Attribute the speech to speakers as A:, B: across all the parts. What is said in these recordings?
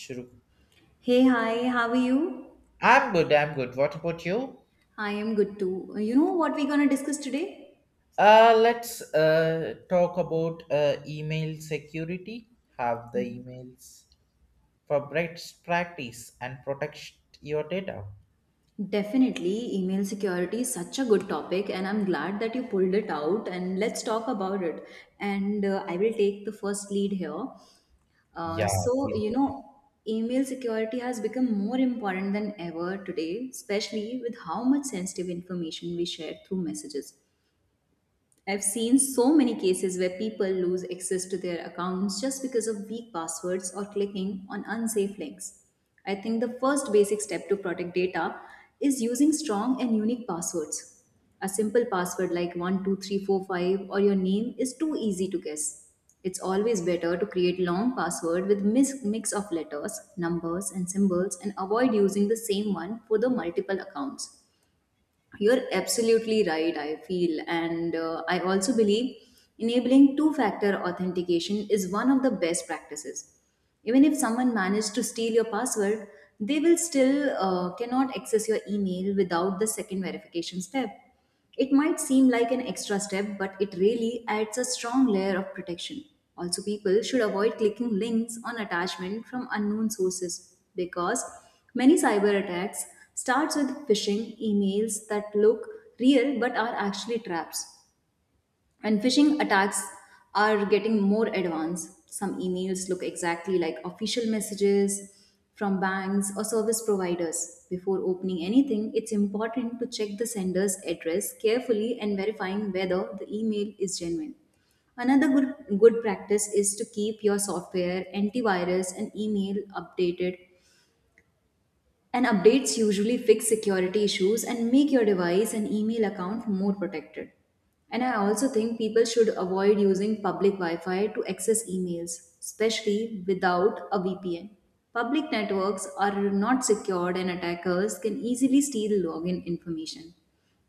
A: Shuru.
B: Hey, hi, how are you?
A: I'm good, I'm good. What about you?
B: I am good too. You know what we're gonna discuss today?
A: Let's talk about email security. Have the emails for best practice and protect your data.
B: Definitely, email security is such a good topic, and I'm glad that you pulled it out. And let's talk about it. And I will take the first lead here. Uh,
A: Yeah,
B: so,
A: please
B: you
A: go ahead.
B: know, Email security has become more important than ever today, especially with how much sensitive information we share through messages. I've seen so many cases where people lose access to their accounts just because of weak passwords or clicking on unsafe links. I think the first basic step to protect data is using strong and unique passwords. A simple password like 12345 or your name is too easy to guess. It's always better to create long password with mix of letters, numbers and symbols and avoid using the same one for the multiple accounts. You're absolutely right, I feel. And I also believe enabling two factor authentication is one of the best practices. Even if someone managed to steal your password, they will still cannot access your email without the second verification step. It might seem like an extra step, but it really adds a strong layer of protection. Also, people should avoid clicking links on attachment from unknown sources because many cyber attacks starts with phishing emails that look real but are actually traps. And phishing attacks are getting more advanced. Some emails look exactly like official messages from banks or service providers. Before opening anything, it's important to check the sender's address carefully and verifying whether the email is genuine. Another good practice is to keep your software, antivirus, and email updated and updates usually fix security issues and make your device and email account more protected. And I also think people should avoid using public Wi Fi to access emails, especially without a VPN. Public networks are not secured, and attackers can easily steal login information.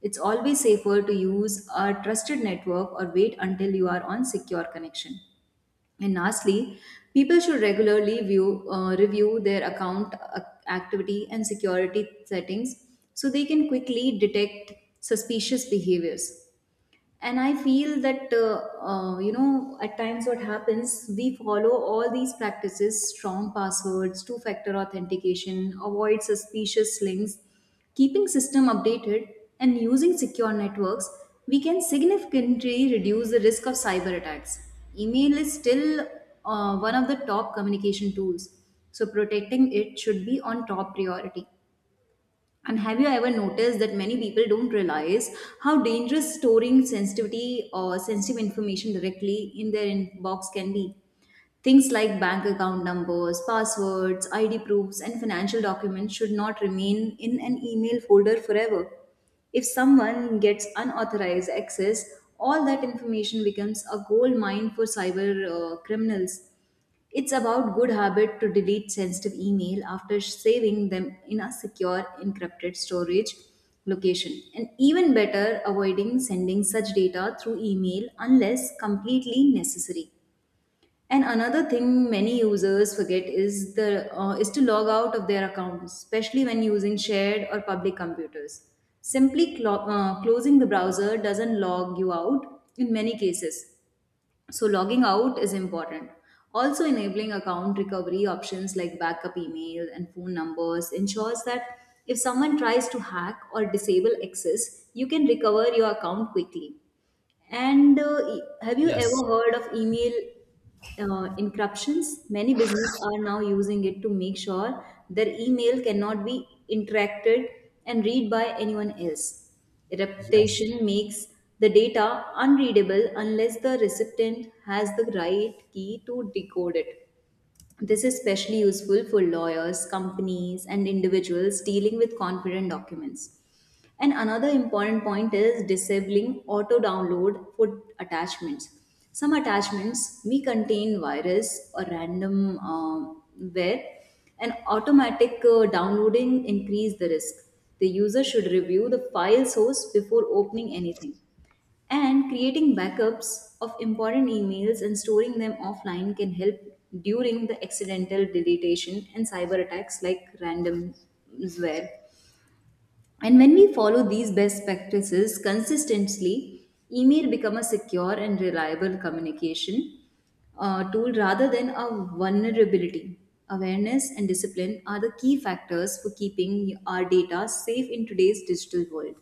B: It's always safer to use a trusted network or wait until you are on secure connection. And lastly, people should regularly review their account activity and security settings so they can quickly detect suspicious behaviors and I feel that at times what happens, we follow all these practices, strong passwords, two factor authentication, avoid suspicious links, keeping system updated and using secure networks, we can significantly reduce the risk of cyber attacks. Email is still one of the top communication tools, so protecting it should be on top priority. And have you ever noticed that many people don't realize how dangerous storing sensitivity or sensitive information directly in their inbox can be? Things like bank account numbers, passwords, ID proofs, and financial documents should not remain in an email folder forever. If someone gets unauthorized access, all that information becomes a gold mine for cyber criminals. It's about good habit to delete sensitive email after saving them in a secure encrypted storage location and even better avoiding sending such data through email unless completely necessary. And another thing many users forget is the is to log out of their accounts, especially when using shared or public computers. Simply closing the browser doesn't log you out in many cases, so logging out is important. Also enabling account recovery options like backup email and phone numbers ensures that if someone tries to hack or disable access, you can recover your account quickly. And have you ever
A: Yes,
B: heard of email encryptions? Many businesses are now using it to make sure their email cannot be interacted and read by anyone else.
A: yes.
B: Reputation makes the data unreadable unless the recipient has the right key to decode it. This is especially useful for lawyers, companies, and individuals dealing with confident documents. And another important point is disabling auto download for attachments. Some attachments may contain virus or random where and automatic downloading increase the risk. The user should review the file source before opening anything. And creating backups of important emails and storing them offline can help during the accidental deletion and cyber attacks like ransomware. And when we follow these best practices consistently, email become a secure and reliable communication tool rather than a vulnerability. Awareness and discipline are the key factors for keeping our data safe in today's digital world.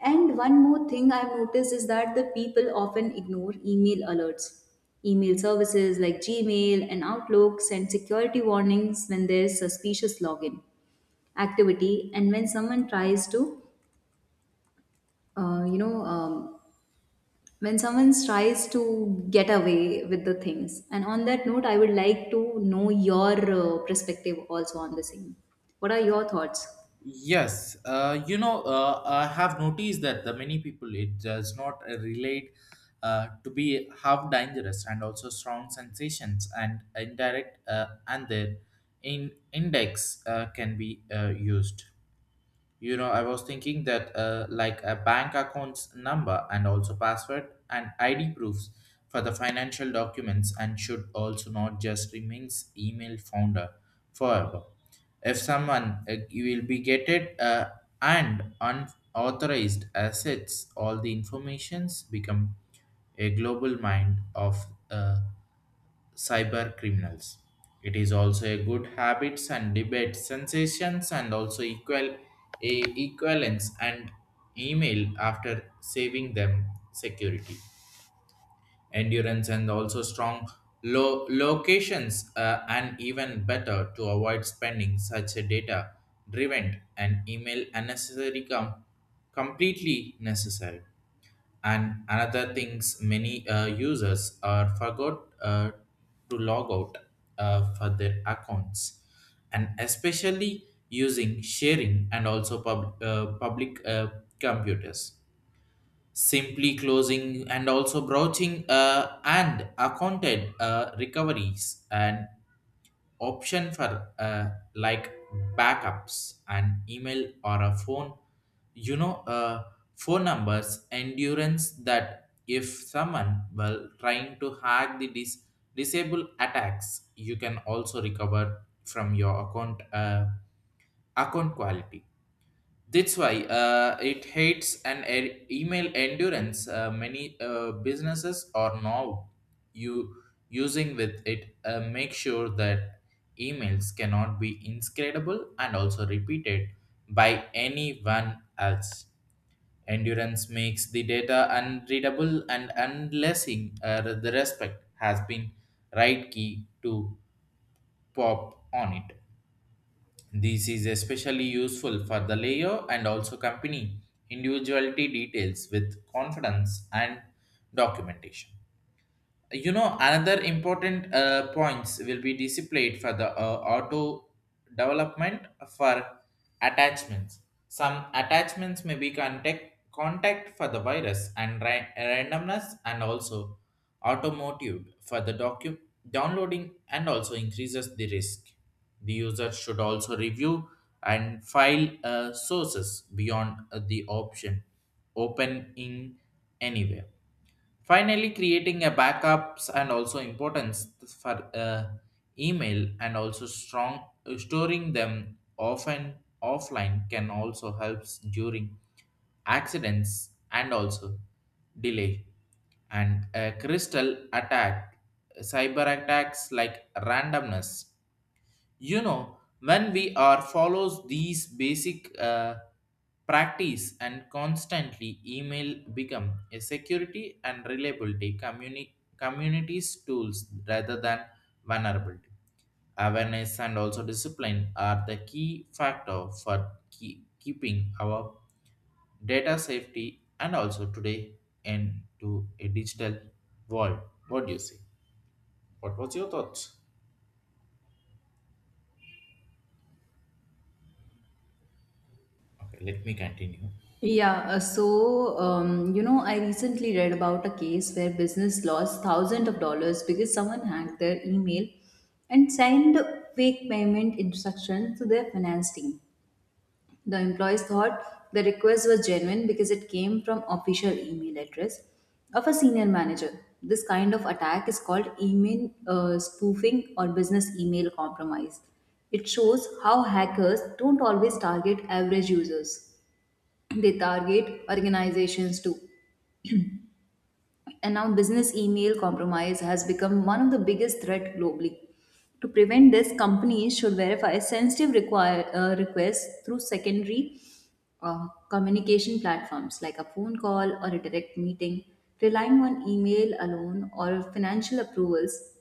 B: And one more thing I've noticed is that the people often ignore email alerts. Email services like Gmail and Outlook send security warnings when there's suspicious login activity and when someone tries to, uh, you know, um, when someone tries to get away with the things. And on that note, I would like to know your perspective also on the same. What are your thoughts?
A: Yes, you know, I have noticed that the many people it does not relate to be half dangerous and also strong sensations and indirect and their in index can be used. You know, I was thinking that like a bank account's number and also password and ID proofs for the financial documents and should also not just remains email founder forever. If someone you will be getted and unauthorized assets, all the informations become a global mind of cyber criminals. It is also a good habits and debate sensations and also equal a equivalence and email after saving them security endurance and also strong locations and even better to avoid spending such a data driven and email unnecessary completely necessary. And another things many users are forgot to log out for their accounts and especially using sharing and also public computers, simply closing and also broaching and accounted recoveries and option for like backups and email or a phone, you know, phone numbers endurance that if someone well trying to hack the disable attacks you can also recover from your account, account quality. That's why it hates an email endurance. Many businesses are now you using with it. Make sure that emails cannot be inscrutable and also repeated by anyone else. Endurance makes the data unreadable and unlessing, the respect has been right key to pop on it. This is especially useful for the layer and also company individuality details with confidence and documentation. You know, another important points will be displayed for the auto development for attachments. Some attachments may be contact for the virus and randomness and also automotive for the downloading and also increases the risk. The user should also review and file sources beyond the option open in anywhere. Finally, creating a backups and also importance for email and also strong storing them often offline can also helps during accidents and also delay and a crystal attack, cyber attacks like randomness. You know, when we are follows these basic practice and constantly email become a security and reliability communities tools rather than vulnerability. Awareness and also discipline are the key factor for keeping our data safety and also today into a digital world. What do you say? What was your thoughts? Okay, let me continue.
B: Yeah, I recently read about a case where business lost thousands of dollars because someone hacked their email and signed fake payment instructions to their finance team. The employees thought the request was genuine because it came from official email address of a senior manager. This kind of attack is called email spoofing or business email compromise. It shows how hackers don't always target average users, they target organizations too. And now, business email compromise has become one of the biggest threat globally. To prevent this, companies should verify sensitive requests through secondary communication platforms like a phone call or a direct meeting. Relying on email alone or financial approvals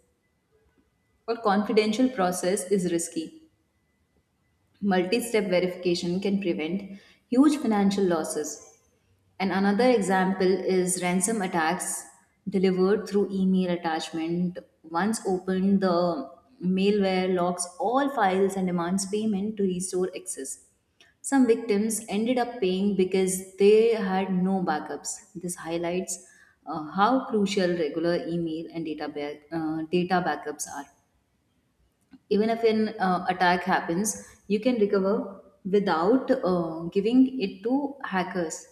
B: or confidential process is risky. Multi step verification can prevent huge financial losses. And another example is ransom attacks delivered through email attachment. Once opened, the malware locks all files and demands payment to restore access. Some victims ended up paying because they had no backups. This highlights how crucial regular email and data backups are. Even if an attack happens, you can recover without giving it to hackers.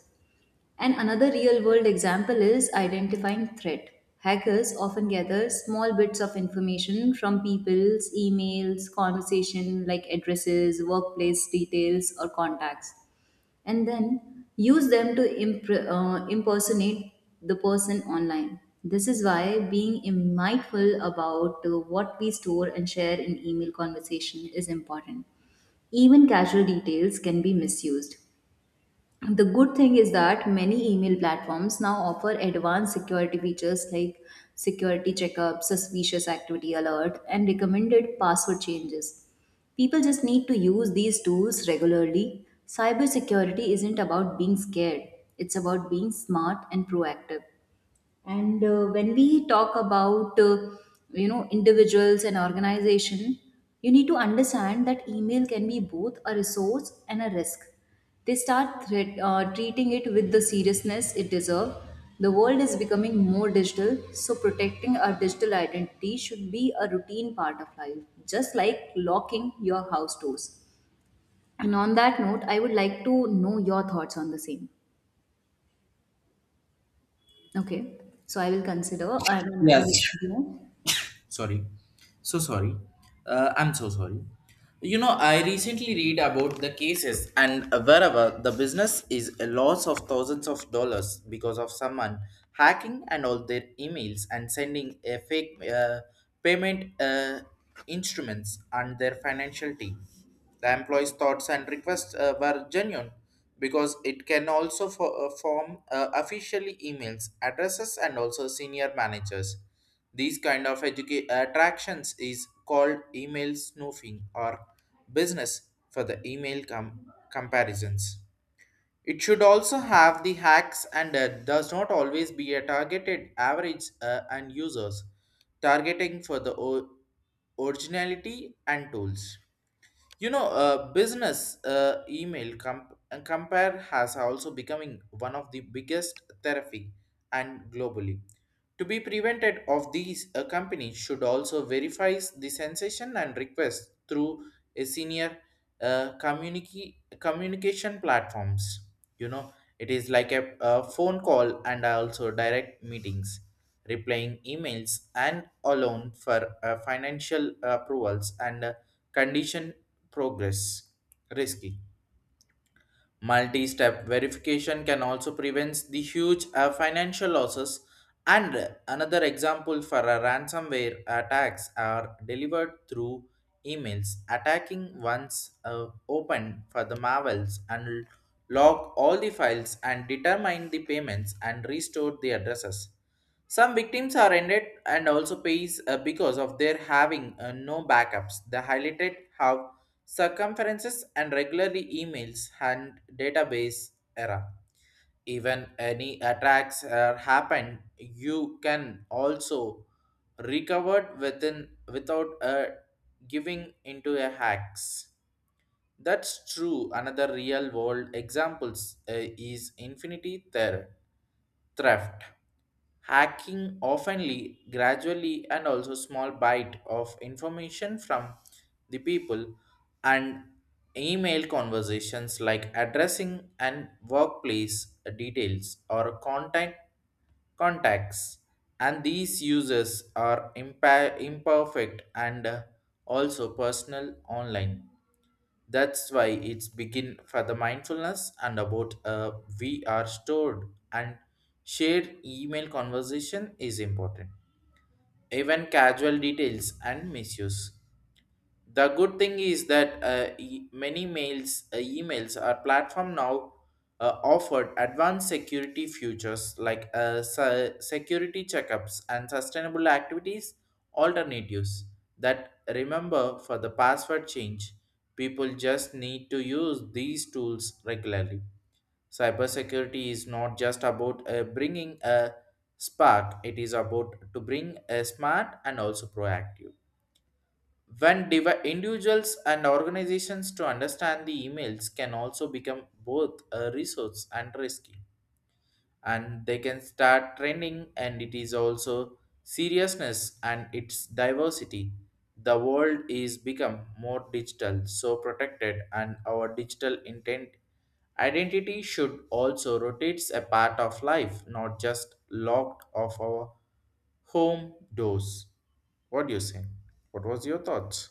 B: And another real world example is identifying threat. Hackers often gather small bits of information from people's emails, conversation like addresses, workplace details, or contacts, and then use them to impersonate the person online. This is why being mindful about what we store and share in email conversation is important. Even casual details can be misused. The good thing is that many email platforms now offer advanced security features like security checkup, suspicious activity alert, and recommended password changes. People just need to use these tools regularly. Cybersecurity isn't about being scared, it's about being smart and proactive. And when we talk about individuals and organization, you need to understand that email can be both a resource and a risk. They start treating it with the seriousness it deserves. The world is becoming more digital, so protecting our digital identity should be a routine part of life, just like locking your house doors. And on that note, I would like to know your thoughts on the same. Okay. So I will consider I mean I
A: Yes,
B: will you know
A: sorry, so sorry, I'm so sorry. You know, I recently read about the cases and wherever the business is a loss of thousands of dollars because of someone hacking and all their emails and sending a fake payment instruments and their financial team. The employees thoughts and requests were genuine because it can also form officially emails addresses and also senior managers. These kind of attractions is called email snooping or business for the email comparisons. It should also have the hacks and does not always be a targeted average and users, targeting for the originality and tools. You know, business email comp- and compare has also becoming one of the biggest therapy and globally. To be prevented of these, a company should also verify the sensation and request through a senior communication platforms. You know, it is like a phone call and also direct meetings, replying emails and alone for financial approvals and, condition progress risky. Multi step verification can also prevent the huge financial losses. And another example for a ransomware attacks are delivered through emails. Attacking once open for the marvels and lock all the files and determine the payments and restore the addresses. Some victims are ended and also pays because of their having no backups. They highlighted how circumferences and regularly emails and database era. Even any attacks are happen, you can also recover within without giving into a hacks. That's true. Another real world examples is infinity theft. Hacking oftenly gradually and also small bite of information from the people and email conversations like addressing and workplace details or contacts, and these users are imperfect and also personal online. That's why it's begin for the mindfulness and about, we are stored and shared email conversation is important. Even casual details and misuse. The good thing is that many emails are platform now offered advanced security features like security checkups and sustainable activities alternatives that remember for the password change. People just need to use these tools regularly. Cybersecurity is not just about bringing a spark; it is about to bring a smart and also proactive. When individuals and organizations to understand the emails can also become both a resource and risky, and they can start trending, and it is also seriousness and its diversity. The world is become more digital, so protected, and our digital intent identity should also rotates a part of life, not just locked off our home doors. What do you say? What was your thoughts?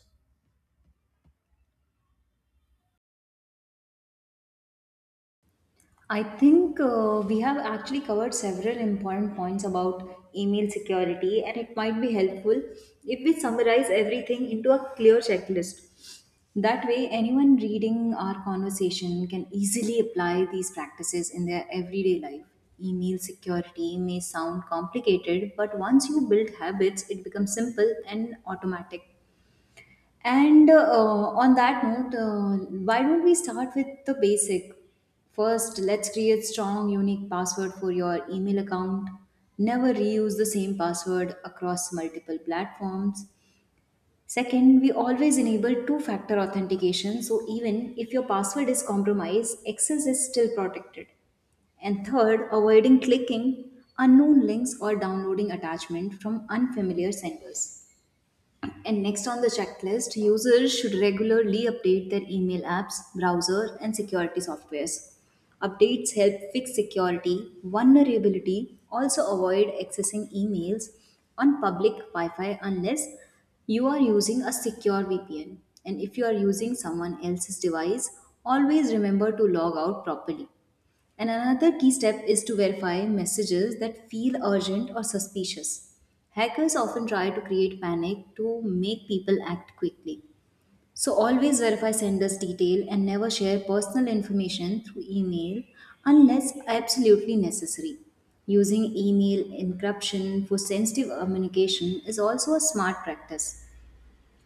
B: I think we have actually covered several important points about email security, and it might be helpful if we summarize everything into a clear checklist. That way, anyone reading our conversation can easily apply these practices in their everyday life. Email security may sound complicated, but once you build habits, it becomes simple and automatic. And on that note, why don't we start with the basic? First, let's create strong, unique password for your email account. Never reuse the same password across multiple platforms. Second, we always enable two-factor authentication, so even if your password is compromised, access is still protected. And third, avoiding clicking unknown links or downloading attachment from unfamiliar senders. And next on the checklist, users should regularly update their email apps, browser, and security softwares. Updates help fix security, vulnerability, also avoid accessing emails on public Wi Fi unless you are using a secure VPN. And if you are using someone else's device, always remember to log out properly. And another key step is to verify messages that feel urgent or suspicious. Hackers often try to create panic to make people act quickly. So always verify sender's detail and never share personal information through email unless absolutely necessary. Using email encryption for sensitive communication is also a smart practice.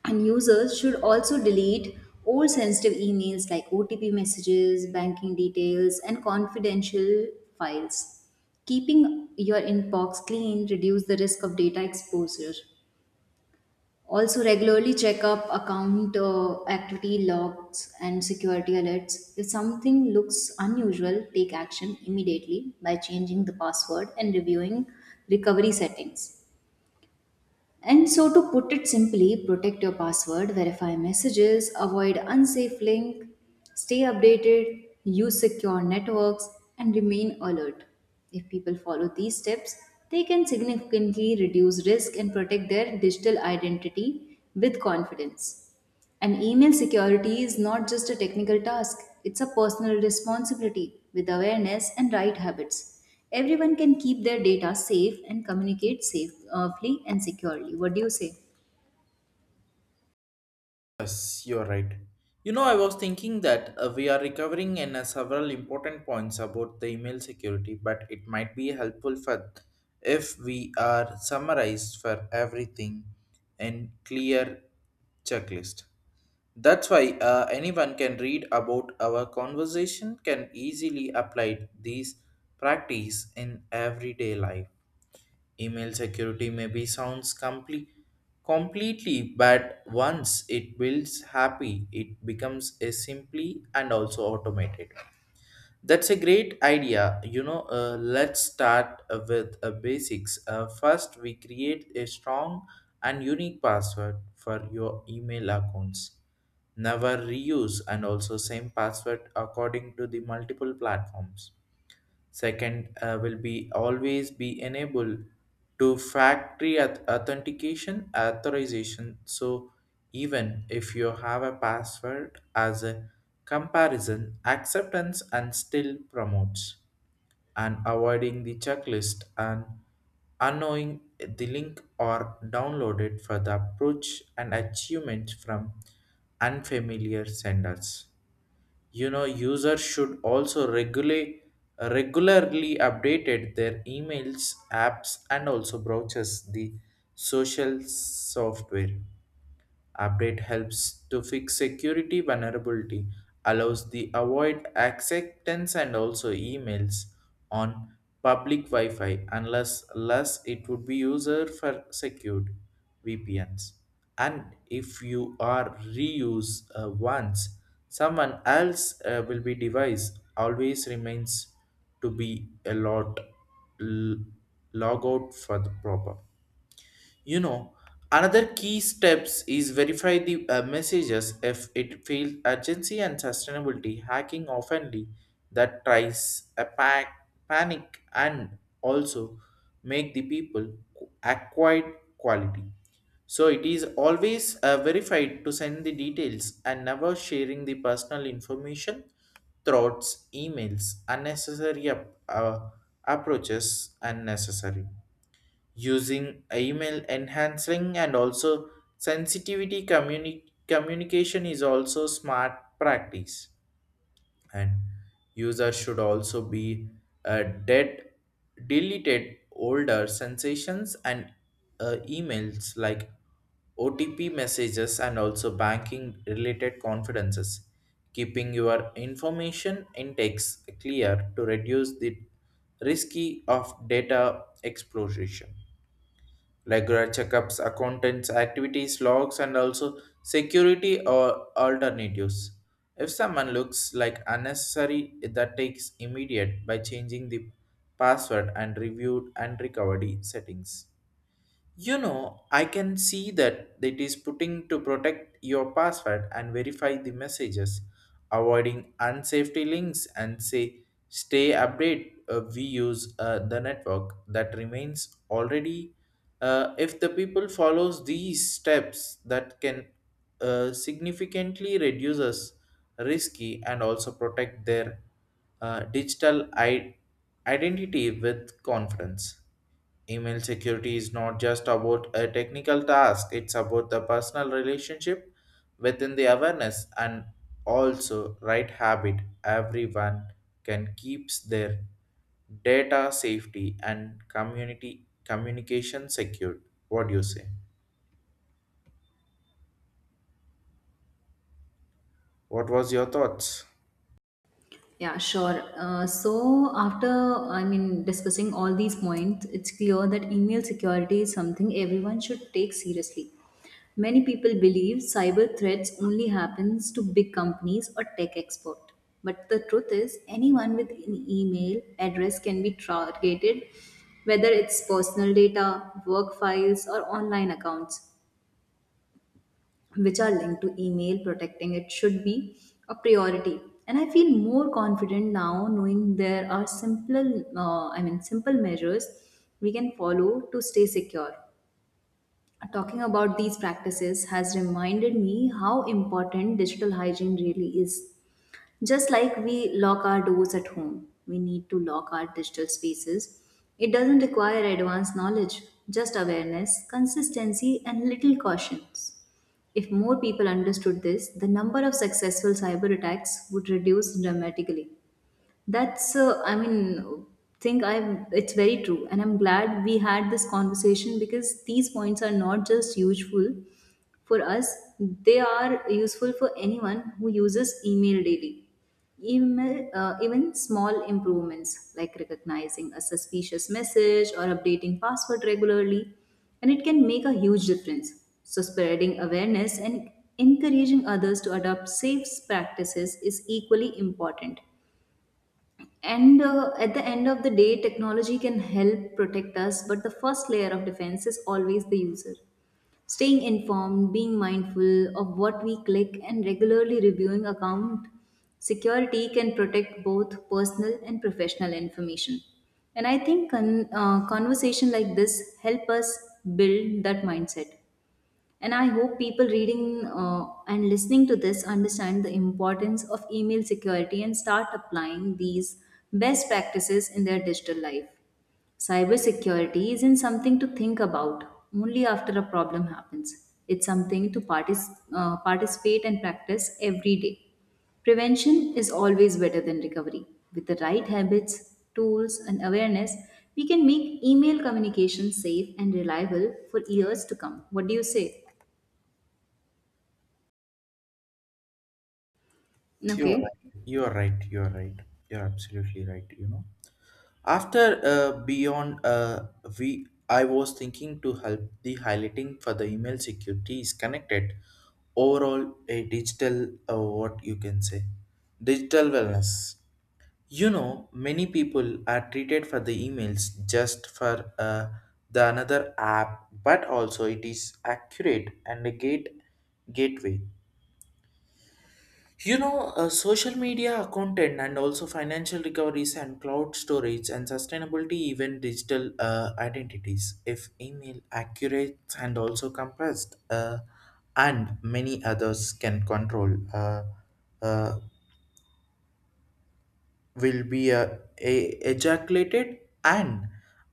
B: And users should also delete all sensitive emails like OTP messages, banking details, and confidential files. Keeping your inbox clean reduces the risk of data exposure. Also, regularly check up account activity logs and security alerts. If something looks unusual, take action immediately by changing the password and reviewing recovery settings. And so, to put it simply, protect your password, verify messages, avoid unsafe link, stay updated, use secure networks, and remain alert. If people follow these steps, they can significantly reduce risk and protect their digital identity with confidence. And email security is not just a technical task, it's a personal responsibility with awareness and right habits. Everyone can keep their data safe and communicate safely and securely. What do you say?
A: Yes, you're right. You know, I was thinking that we are recovering in several important points about the email security, but it might be helpful for if we are summarized for everything in clear checklist. That's why anyone can read about our conversation can easily apply these practice in everyday life. Email security maybe sounds completely, but once it builds happy, it becomes a simply and also automated. That's a great idea. You know, let's start with basics. First, we create a strong and unique password for your email accounts. Never reuse and also same password according to the multiple platforms. Second, will be always be enable to factory authentication authorization. So even if you have a password as a comparison, acceptance and still promotes and avoiding the checklist and unknowing the link or downloaded for the approach and achievement from unfamiliar senders. You know, users should also regulate regularly updated their emails apps and also browsers the social software. Update helps to fix security vulnerability, allows the avoid acceptance and also emails on public Wi-Fi unless less it would be user for secured VPNs. And if you are reuse once, someone else will be device always remains to be a lot, l- log out for the proper. You know, another key steps is verify the messages if it feels urgency and sustainability hacking oftenly that tries a panic and also make the people acquired quality. So it is always verified to send the details and never sharing the personal information thoughts emails unnecessary approaches unnecessary, using email enhancing and also sensitivity communication is also smart practice. And user should also be, dead deleted older sensations and emails like OTP messages and also banking related confidences. Keeping your information intakes clear to reduce the risky of data explosion. Regular checkups, accountants, activities, logs, and also security or alternatives. If someone looks like unnecessary, that takes immediate by changing the password and reviewed and recovery settings. You know, I can see that it is putting to protect your password and verify the messages, avoiding unsafety links and say stay update. We use the network that remains already. If the people follows these steps, that can significantly reduces risky and also protect their digital identity with confidence. Email security is not just about a technical task, it's about the personal relationship within the awareness and also right habit. Everyone can keeps their data safety and community communication secured. What do you say? What was your thoughts?
B: Yeah, sure. So, after discussing all these points, it's clear that email security is something everyone should take seriously. Many people believe cyber threats only happens to big companies or tech expert. But the truth is, anyone with an email address can be targeted, whether it's personal data, work files, or online accounts which are linked to email, protecting it should be a priority. And I feel more confident now knowing there are simple I mean simple measures we can follow to stay secure. Talking about these practices has reminded me how important digital hygiene really is. Just like we lock our doors at home, we need to lock our digital spaces. It doesn't require advanced knowledge, just awareness, consistency, and little cautions. If more people understood this, the number of successful cyber attacks would reduce dramatically. That's, I mean, think I it's very true, and I'm glad we had this conversation because these points are not just useful for us; they are useful for anyone who uses email daily. Even small improvements like recognizing a suspicious message or updating password regularly, and it can make a huge difference. So, spreading awareness and encouraging others to adopt safe practices is equally important. And at the end of the day, technology can help protect us, but the first layer of defense is always the user. Staying informed, being mindful of what we click, and regularly reviewing account security can protect both personal and professional information. And I think conversation like this help us build that mindset. And I hope people reading and listening to this understand the importance of email security and start applying these best practices in their digital life. Cybersecurity isn't something to think about only after a problem happens. It's something to participate and practice every day. Prevention is always better than recovery. With the right habits, tools, and awareness, we can make email communication safe and reliable for years to come. What do you say?
A: You're
B: Okay.
A: right. You're right. You're right. You're absolutely right. You know, after beyond, we, I was thinking to help the highlighting for the email security is connected. Overall, a digital, what you can say, digital wellness. You know, many people are treated for the emails just for the another app, but also it is accurate and a gateway. You know, social media accountant and also financial recoveries and cloud storage and sustainability, even digital identities, if email accurate and also compressed, and many others can control, uh, will be ejaculated and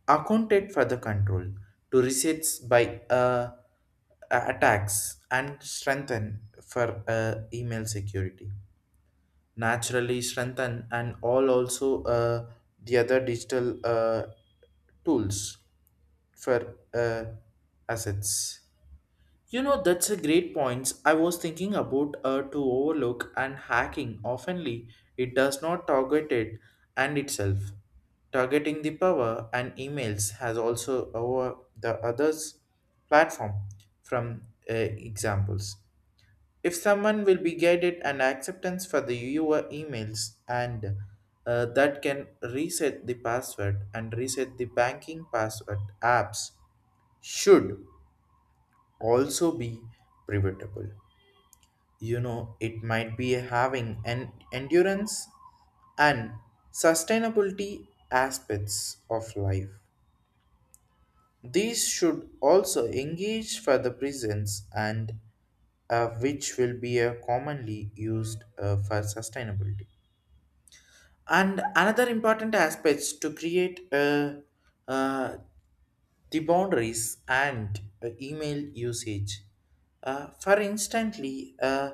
A: accounted for the control to resets by attacks and strengthen for email security naturally strengthen and all also the other digital tools for assets. You know, that's a great point. I was thinking about to overlook and hacking. Oftenly, it does not target it and itself. Targeting the power and emails has also over the others platform from examples. If someone will be guided and acceptance for the your emails and that can reset the password and reset the banking password apps should also be preventable. You know, it might be having an endurance and sustainability aspects of life. These should also engage for the prisons and, which will be commonly used for sustainability. And another important aspects to create uh, the boundaries and email usage. For instantly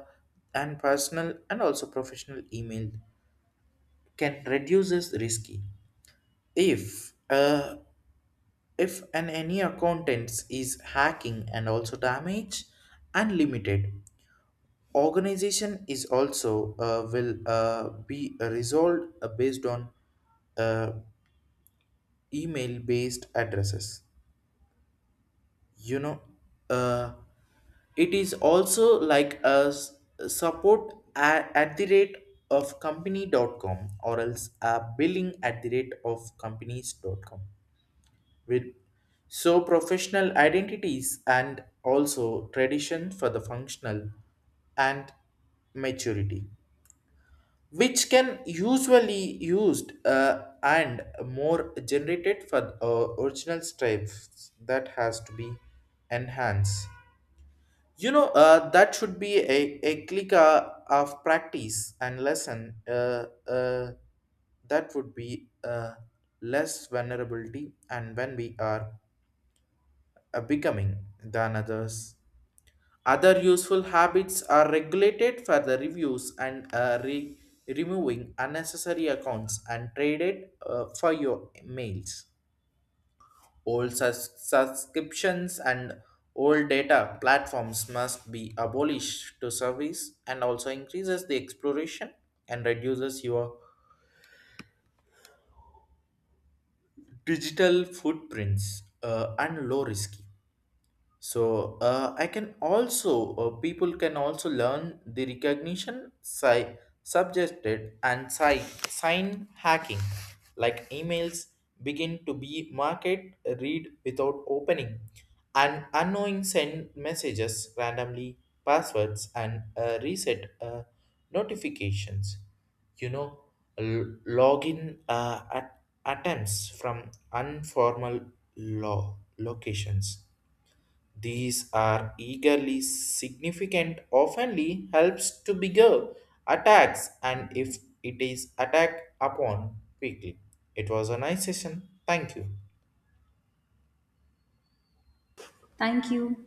A: and personal and also professional email can reduces risky. If uh, if an any accountants is hacking and also damage unlimited organization is also will be resolved based on uh, email based addresses. You know, uh, it is also like a support at the rate of company.com or else a billing at the rate of companies.com with, so professional identities and also tradition for the functional and maturity which can usually used and more generated for original stripes that has to be enhanced. You know, that should be a click of practice and lesson, that would be less vulnerability and when we are becoming than others, other useful habits are regulated for the reviews and removing unnecessary accounts and traded for your mails. Old subscriptions and old data platforms must be abolished to service and also increases the exploration and reduces your digital footprints and low risky. So I can also, people can also learn the recognition subjected and sign hacking like emails begin to be market read without opening and unknowing send messages randomly passwords and reset notifications. You know, login attempts from informal law locations. These are eagerly significant, oftenly helps to bigger attacks, and if it is attacked upon quickly. It was a nice session. Thank you.
B: Thank you.